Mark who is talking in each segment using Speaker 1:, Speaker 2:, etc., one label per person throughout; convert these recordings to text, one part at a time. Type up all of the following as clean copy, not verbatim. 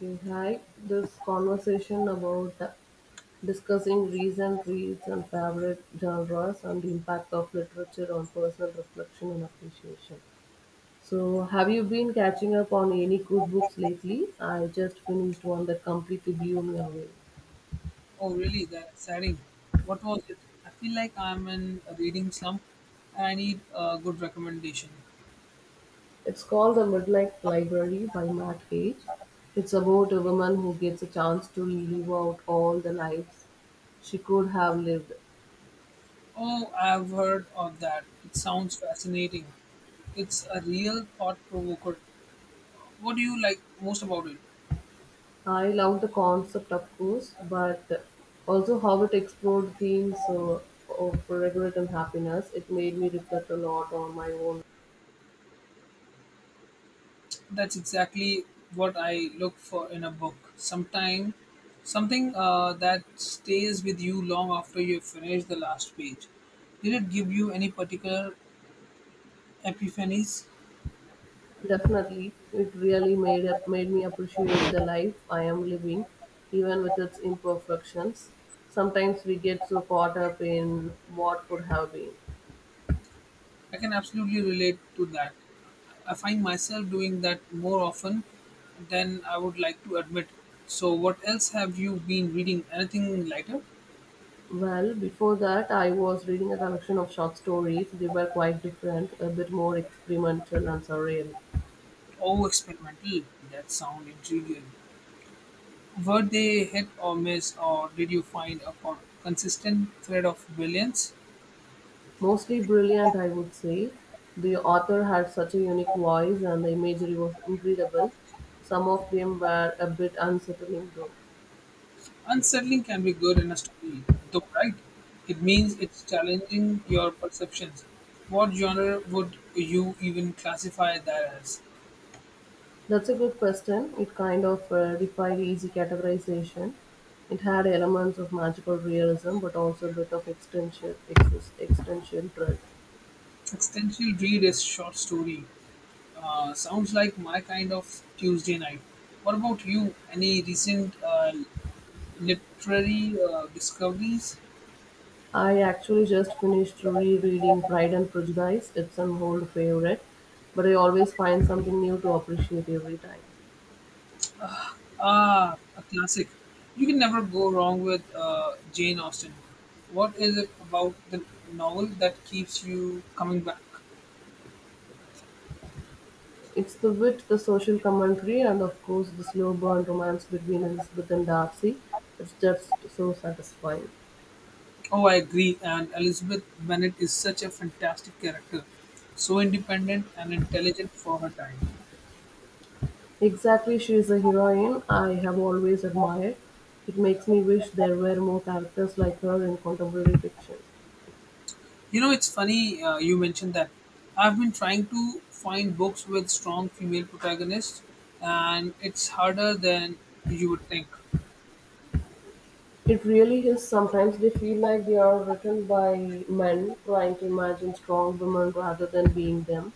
Speaker 1: We had this conversation about discussing recent reads and favorite genres and the impact of literature on personal reflection and appreciation. So, have you been catching up on any good books lately? I just finished one that completely blew me away.
Speaker 2: Oh, really? That's exciting. What was it? I feel like I'm in a reading slump and I need a good recommendation.
Speaker 1: It's called The Midnight Library by Matt Page. It's about a woman who gets a chance to live out all the lives she could have lived.
Speaker 2: Oh, I've heard of that. It sounds fascinating. It's a real thought provoker. What do you like most about it?
Speaker 1: I love the concept, of course, but also how it explored themes of regret and happiness. It made me reflect a lot on my own.
Speaker 2: That's exactly what I look for in a book. Sometime, something that stays with you long after you finish the last page. Did it give you any particular epiphanies?
Speaker 1: Definitely, it really made me appreciate the life I am living, even with its imperfections. Sometimes we get so caught up in what could have been.
Speaker 2: I can absolutely relate to that. I find myself doing that more often than I would like to admit. So, what else have you been reading? Anything lighter?
Speaker 1: Well, before that, I was reading a collection of short stories. They were quite different, a bit more experimental and surreal.
Speaker 2: Oh, experimental. That sounds intriguing. Were they hit or miss, or did you find a consistent thread of brilliance?
Speaker 1: Mostly brilliant I would say. The author had such a unique voice and the imagery was incredible. Some of them were a bit unsettling though.
Speaker 2: Unsettling can be good in a story, though, right? It means it's challenging your perceptions. What genre would you even classify that as?
Speaker 1: That's a good question. It kind of defied easy categorization. It had elements of magical realism but also a bit of existential dread.
Speaker 2: Extensive read is short story. Sounds like my kind of Tuesday night. What about you? Any recent literary discoveries?
Speaker 1: I actually just finished rereading Pride and Prejudice. It's an old favorite, but I always find something new to appreciate every time.
Speaker 2: Ah, a classic. You can never go wrong with Jane Austen. What is it about the novel that keeps you coming back?
Speaker 1: It's the wit, the social commentary, and of course the slow burn romance between Elizabeth and Darcy. It's just so satisfying.
Speaker 2: Oh, I agree. And Elizabeth Bennet is such a fantastic character. So independent and intelligent for her time.
Speaker 1: Exactly, she is a heroine I have always admired. It makes me wish there were more characters like her in contemporary fiction.
Speaker 2: You know, it's funny you mentioned that. I've been trying to find books with strong female protagonists, and it's harder than you would think.
Speaker 1: It really is. Sometimes they feel like they are written by men trying to imagine strong women rather than being them.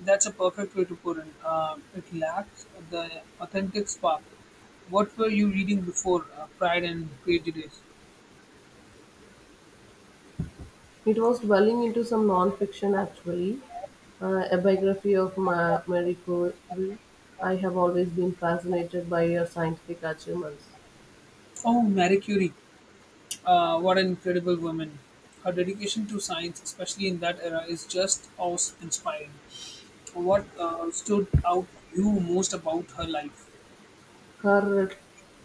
Speaker 2: That's a perfect way to put it. It lacks the authentic spark. What were you reading before Pride and Prejudice?
Speaker 1: It was delving into some non-fiction actually, a biography of Marie Curie. I have always been fascinated by her scientific achievements,
Speaker 2: Oh, Marie Curie. What an incredible woman. Her dedication to science, especially in that era, is just awe inspiring. What stood out you most about her life?
Speaker 1: her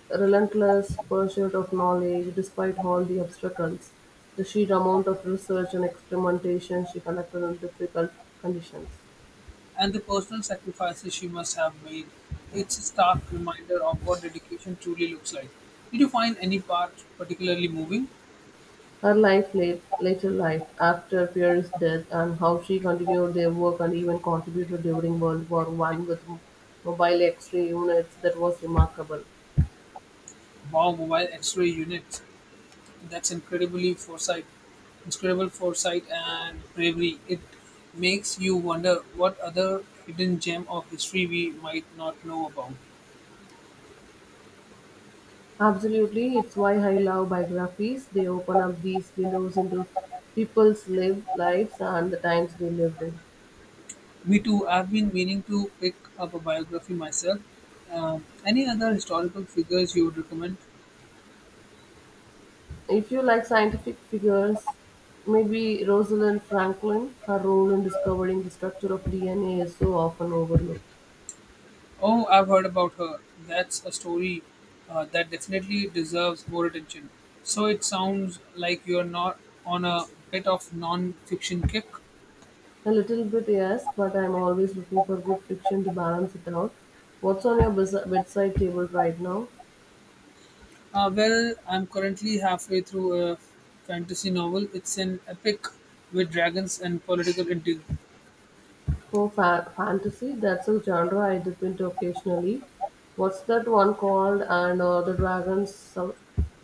Speaker 1: relentless pursuit of knowledge despite all the obstacles, the sheer amount of research and experimentation she conducted in difficult conditions.
Speaker 2: And the personal sacrifices she must have made. It's a stark reminder of what dedication truly looks like. Did you find any part particularly moving?
Speaker 1: Her life later life after Pierre's death and how she continued their work and even contributed during World War One with mobile X-ray units. That was remarkable.
Speaker 2: Wow, mobile X-ray unit. That's incredibly foresight, incredible foresight and bravery. It makes you wonder what other hidden gem of history we might not know about.
Speaker 1: Absolutely, it's why I love biographies. They open up these windows into people's lived lives and the times they lived in.
Speaker 2: Me too. I've been meaning to pick up a biography myself. Any other historical figures you would recommend?
Speaker 1: If you like scientific figures, maybe Rosalind Franklin, her role in discovering the structure of DNA is so often overlooked.
Speaker 2: Oh, I've heard about her. That's a story that definitely deserves more attention. So it sounds like you're not on a bit of non-fiction kick.
Speaker 1: A little bit, yes, but I'm always looking for good fiction to balance it out. What's on your bedside table right now?
Speaker 2: Well, I'm currently halfway through a fantasy novel. It's an epic with dragons and political intrigue.
Speaker 1: Oh, fantasy, that's a genre I dip into occasionally. What's that one called? And the dragons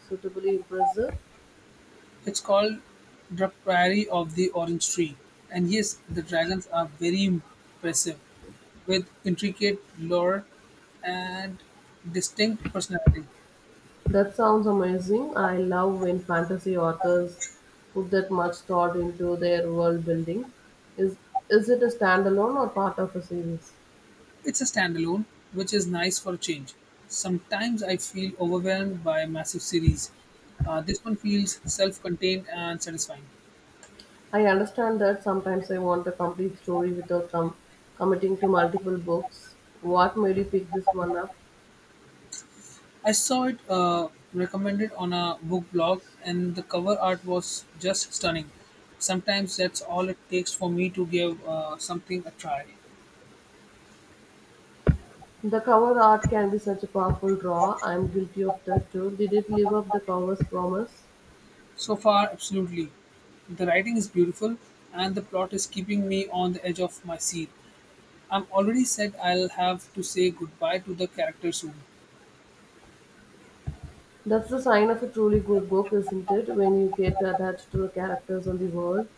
Speaker 1: suitably impressive?
Speaker 2: It's called The Prairie of the Orange Tree. And yes, the dragons are very impressive, with intricate lore and distinct personality.
Speaker 1: That sounds amazing. I love when fantasy authors put that much thought into their world building. Is is it a standalone or part of a series?
Speaker 2: It's a standalone, which is nice for a change. Sometimes I feel overwhelmed by massive series. This one feels self-contained and satisfying.
Speaker 1: I understand that sometimes I want a complete story without committing to multiple books. What made you pick this one up?
Speaker 2: I saw it recommended on a book blog, and the cover art was just stunning. Sometimes that's all it takes for me to give something a try.
Speaker 1: The cover art can be such a powerful draw. I'm guilty of that too. Did it live up the cover's promise?
Speaker 2: So far, absolutely. The writing is beautiful, and the plot is keeping me on the edge of my seat. I'm already said I'll have to say goodbye to the character soon.
Speaker 1: That's the sign of a truly good book, isn't it? When you get attached to the characters and the world.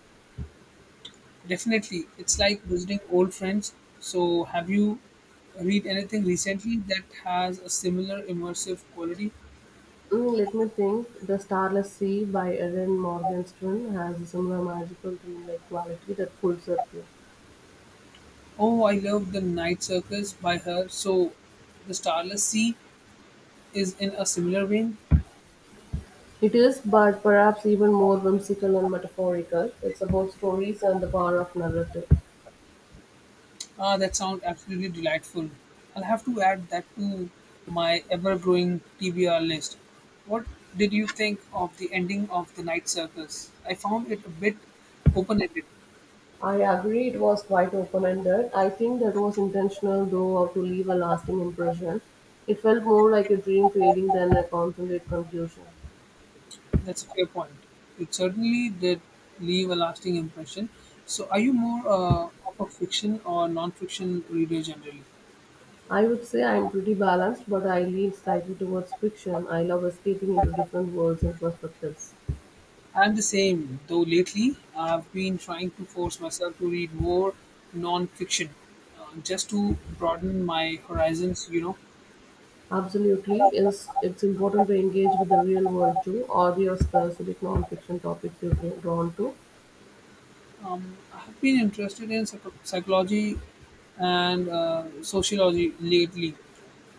Speaker 2: Definitely, it's like visiting old friends. So, have you read anything recently that has a similar immersive quality?
Speaker 1: Mm, let me think. The Starless Sea by Erin Morgenstern has a similar magical dreamlike quality that pulls at you.
Speaker 2: Oh, I love The Night Circus by her. So, The Starless Sea is in a similar vein.
Speaker 1: It is, but perhaps even more whimsical and metaphorical. It's about stories and the power of narrative.
Speaker 2: Ah, that sounds absolutely delightful. I'll have to add that to my ever growing TBR list. What did you think of the ending of The Night Circus? I found it a bit open ended.
Speaker 1: I agree it was quite open ended. I think that was intentional, though, to leave a lasting impression. It felt more like a dream creating than a concentrated conclusion.
Speaker 2: That's a fair point. It certainly did leave a lasting impression. So, are you more of a fiction or non-fiction reader generally?
Speaker 1: I would say I'm pretty balanced, but I lean slightly towards fiction. I love escaping into different worlds and perspectives.
Speaker 2: I'm the same, though lately I've been trying to force myself to read more non-fiction, just to broaden my horizons. You know,
Speaker 1: Absolutely, is it's important to engage with the real world too, or your specific non-fiction topics you're drawn to.
Speaker 2: I have been interested in psychology and sociology lately,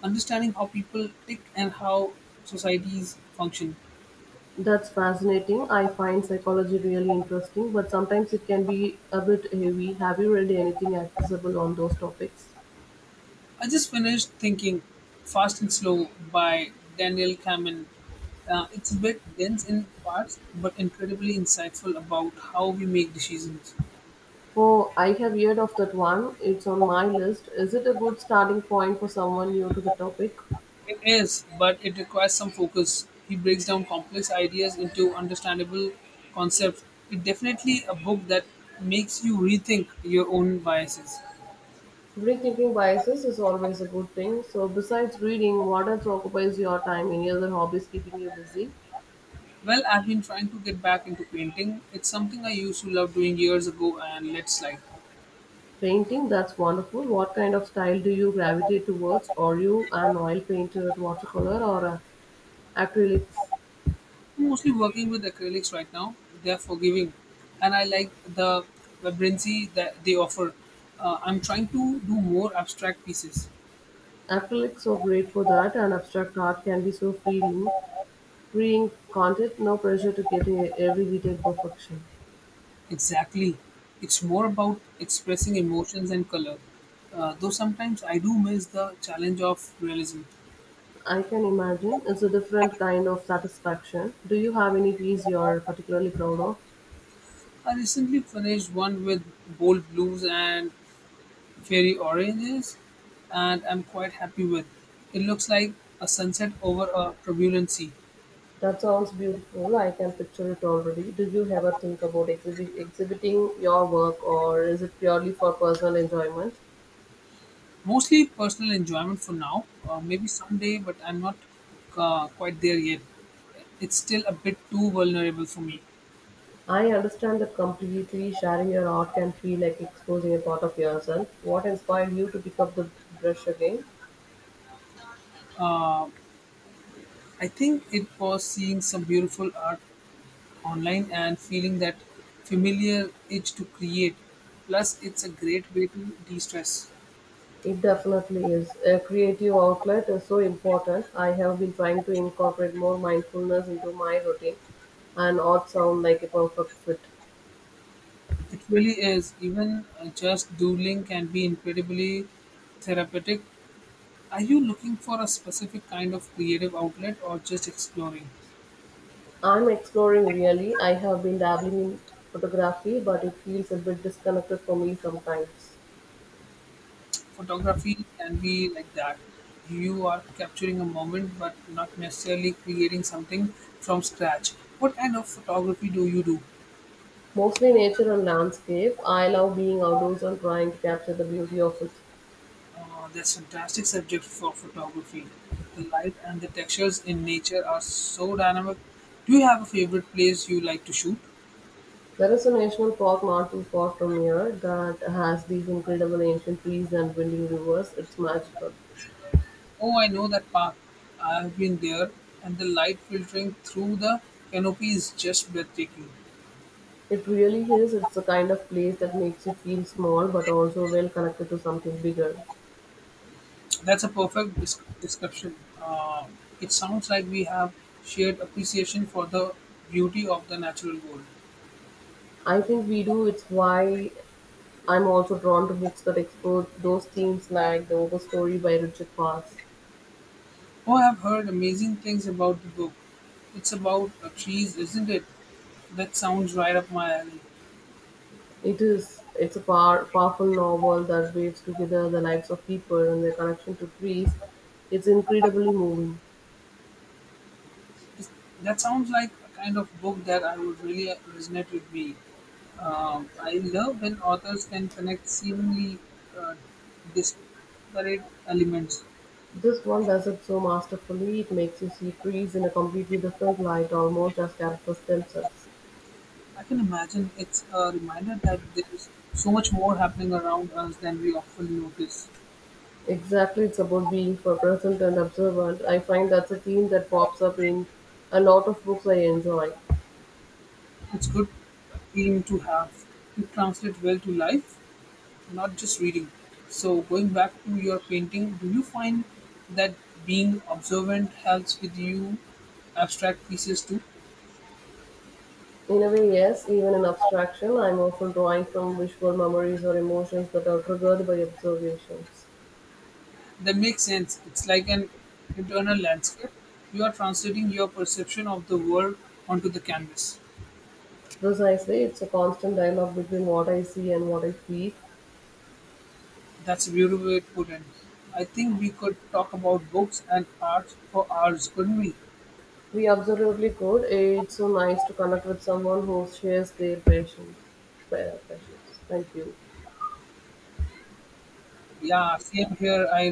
Speaker 2: understanding how people think and how societies function.
Speaker 1: That's fascinating. I find psychology really interesting, but sometimes it can be a bit heavy. Have you read anything accessible on those topics?
Speaker 2: I just finished thinking Fast and Slow by Daniel Kahneman. It's a bit dense in parts, but incredibly insightful about how we make decisions.
Speaker 1: Oh, I have heard of that one. It's on my list. Is it a good starting point for someone new to the topic?
Speaker 2: It is, but it requires some focus. He breaks down complex ideas into understandable concepts. It's definitely a book that makes you rethink your own biases.
Speaker 1: Rethinking biases is always a good thing. So, besides reading, what else occupies your time? Any other hobbies keeping you busy?
Speaker 2: Well, I've been trying to get back into painting. It's something I used to love doing years ago and let slide.
Speaker 1: Painting, that's wonderful. What kind of style do you gravitate towards? Are you an oil painter, watercolor, or acrylics?
Speaker 2: Mostly working with acrylics right now. They're forgiving, and I like the vibrancy that they offer. I'm trying to do more abstract pieces.
Speaker 1: Acrylics were great for that, and abstract art can be so freeing, can't it? No pressure to get every detail perfection.
Speaker 2: Exactly. It's more about expressing emotions and color. Though sometimes I do miss the challenge of realism.
Speaker 1: I can imagine it's a different kind of satisfaction. Do you have any piece you're particularly proud of?
Speaker 2: I recently finished one with bold blues and fairy oranges, and I'm quite happy with. It looks like a sunset over a turbulent sea.
Speaker 1: That sounds beautiful. I can picture it already. Do you ever think about exhibiting your work or is it purely for personal enjoyment?
Speaker 2: Mostly personal enjoyment for now. Maybe someday, but I'm not quite there yet. It's still a bit too vulnerable for me.
Speaker 1: I understand that completely sharing your art can feel like exposing a part of yourself. What inspired you to pick up the brush again?
Speaker 2: Uh, I think it was seeing some beautiful art online and feeling that familiar itch to create. Plus, it's a great way to de stress.
Speaker 1: It definitely is. A creative outlet is so important. I have been trying to incorporate more mindfulness into my routine, and art sound like a perfect fit.
Speaker 2: It really is. Even just doodling can be incredibly therapeutic. Are you looking for a specific kind of creative outlet or just exploring?
Speaker 1: I'm exploring really. I have been dabbling in photography, but it feels a bit disconnected for me sometimes.
Speaker 2: Photography can be like that. You are capturing a moment but not necessarily creating something from scratch. What kind of photography do you do?
Speaker 1: Mostly nature and landscape. I love being outdoors and trying to capture the beauty of it.
Speaker 2: That's fantastic subject for photography. The light and the textures in nature are so dynamic. Do you have a favorite place you like to shoot?
Speaker 1: There is a national park not too far from here that has these incredible ancient trees and winding rivers. It's magical.
Speaker 2: Oh, I know that park. I have been there, and the light filtering through the canopy is just breathtaking.
Speaker 1: It really is. It's the kind of place that makes you feel small but also well connected to something bigger.
Speaker 2: That's a perfect description. Uh, it sounds like we have shared appreciation for the beauty of the natural world.
Speaker 1: I think we do. It's why I'm also drawn to books that explore those themes like The Overstory by Richard Parrs.
Speaker 2: Oh, I've heard amazing things about the book. It's about trees, isn't it? That sounds right up my alley.
Speaker 1: It is. It's a powerful novel that weaves together the lives of people and their connection to trees. It's incredibly moving.
Speaker 2: This- That sounds like a kind of book that I would really resonate with me. I love when authors can connect seemingly uh, disparate elements.
Speaker 1: This one does it so masterfully, it makes you see trees in a completely different light, almost as characters themselves.
Speaker 2: I can imagine it's a reminder that there's so much more happening around us than we often notice.
Speaker 1: Exactly, it's about being for present and observant. I find that's a theme that pops up in a lot of books I enjoy.
Speaker 2: It's good theme to have. It translates well to life, not just reading. So, going back to your painting, do you find that being observant helps with you abstract pieces too?
Speaker 1: In a way, yes, even in abstraction, I'm often drawing from visual memories or emotions that are triggered by observations.
Speaker 2: That makes sense. It's like an internal landscape. You are translating your perception of the world onto the canvas.
Speaker 1: Precisely, it's a constant dialogue between what I see and what I feel.
Speaker 2: That's a beautiful way to put it. I think we could talk about books and arts for hours, couldn't we?
Speaker 1: We absolutely could. It's so nice to connect with someone who shares their passion. Passions. Thank you.
Speaker 2: Yeah, same here. I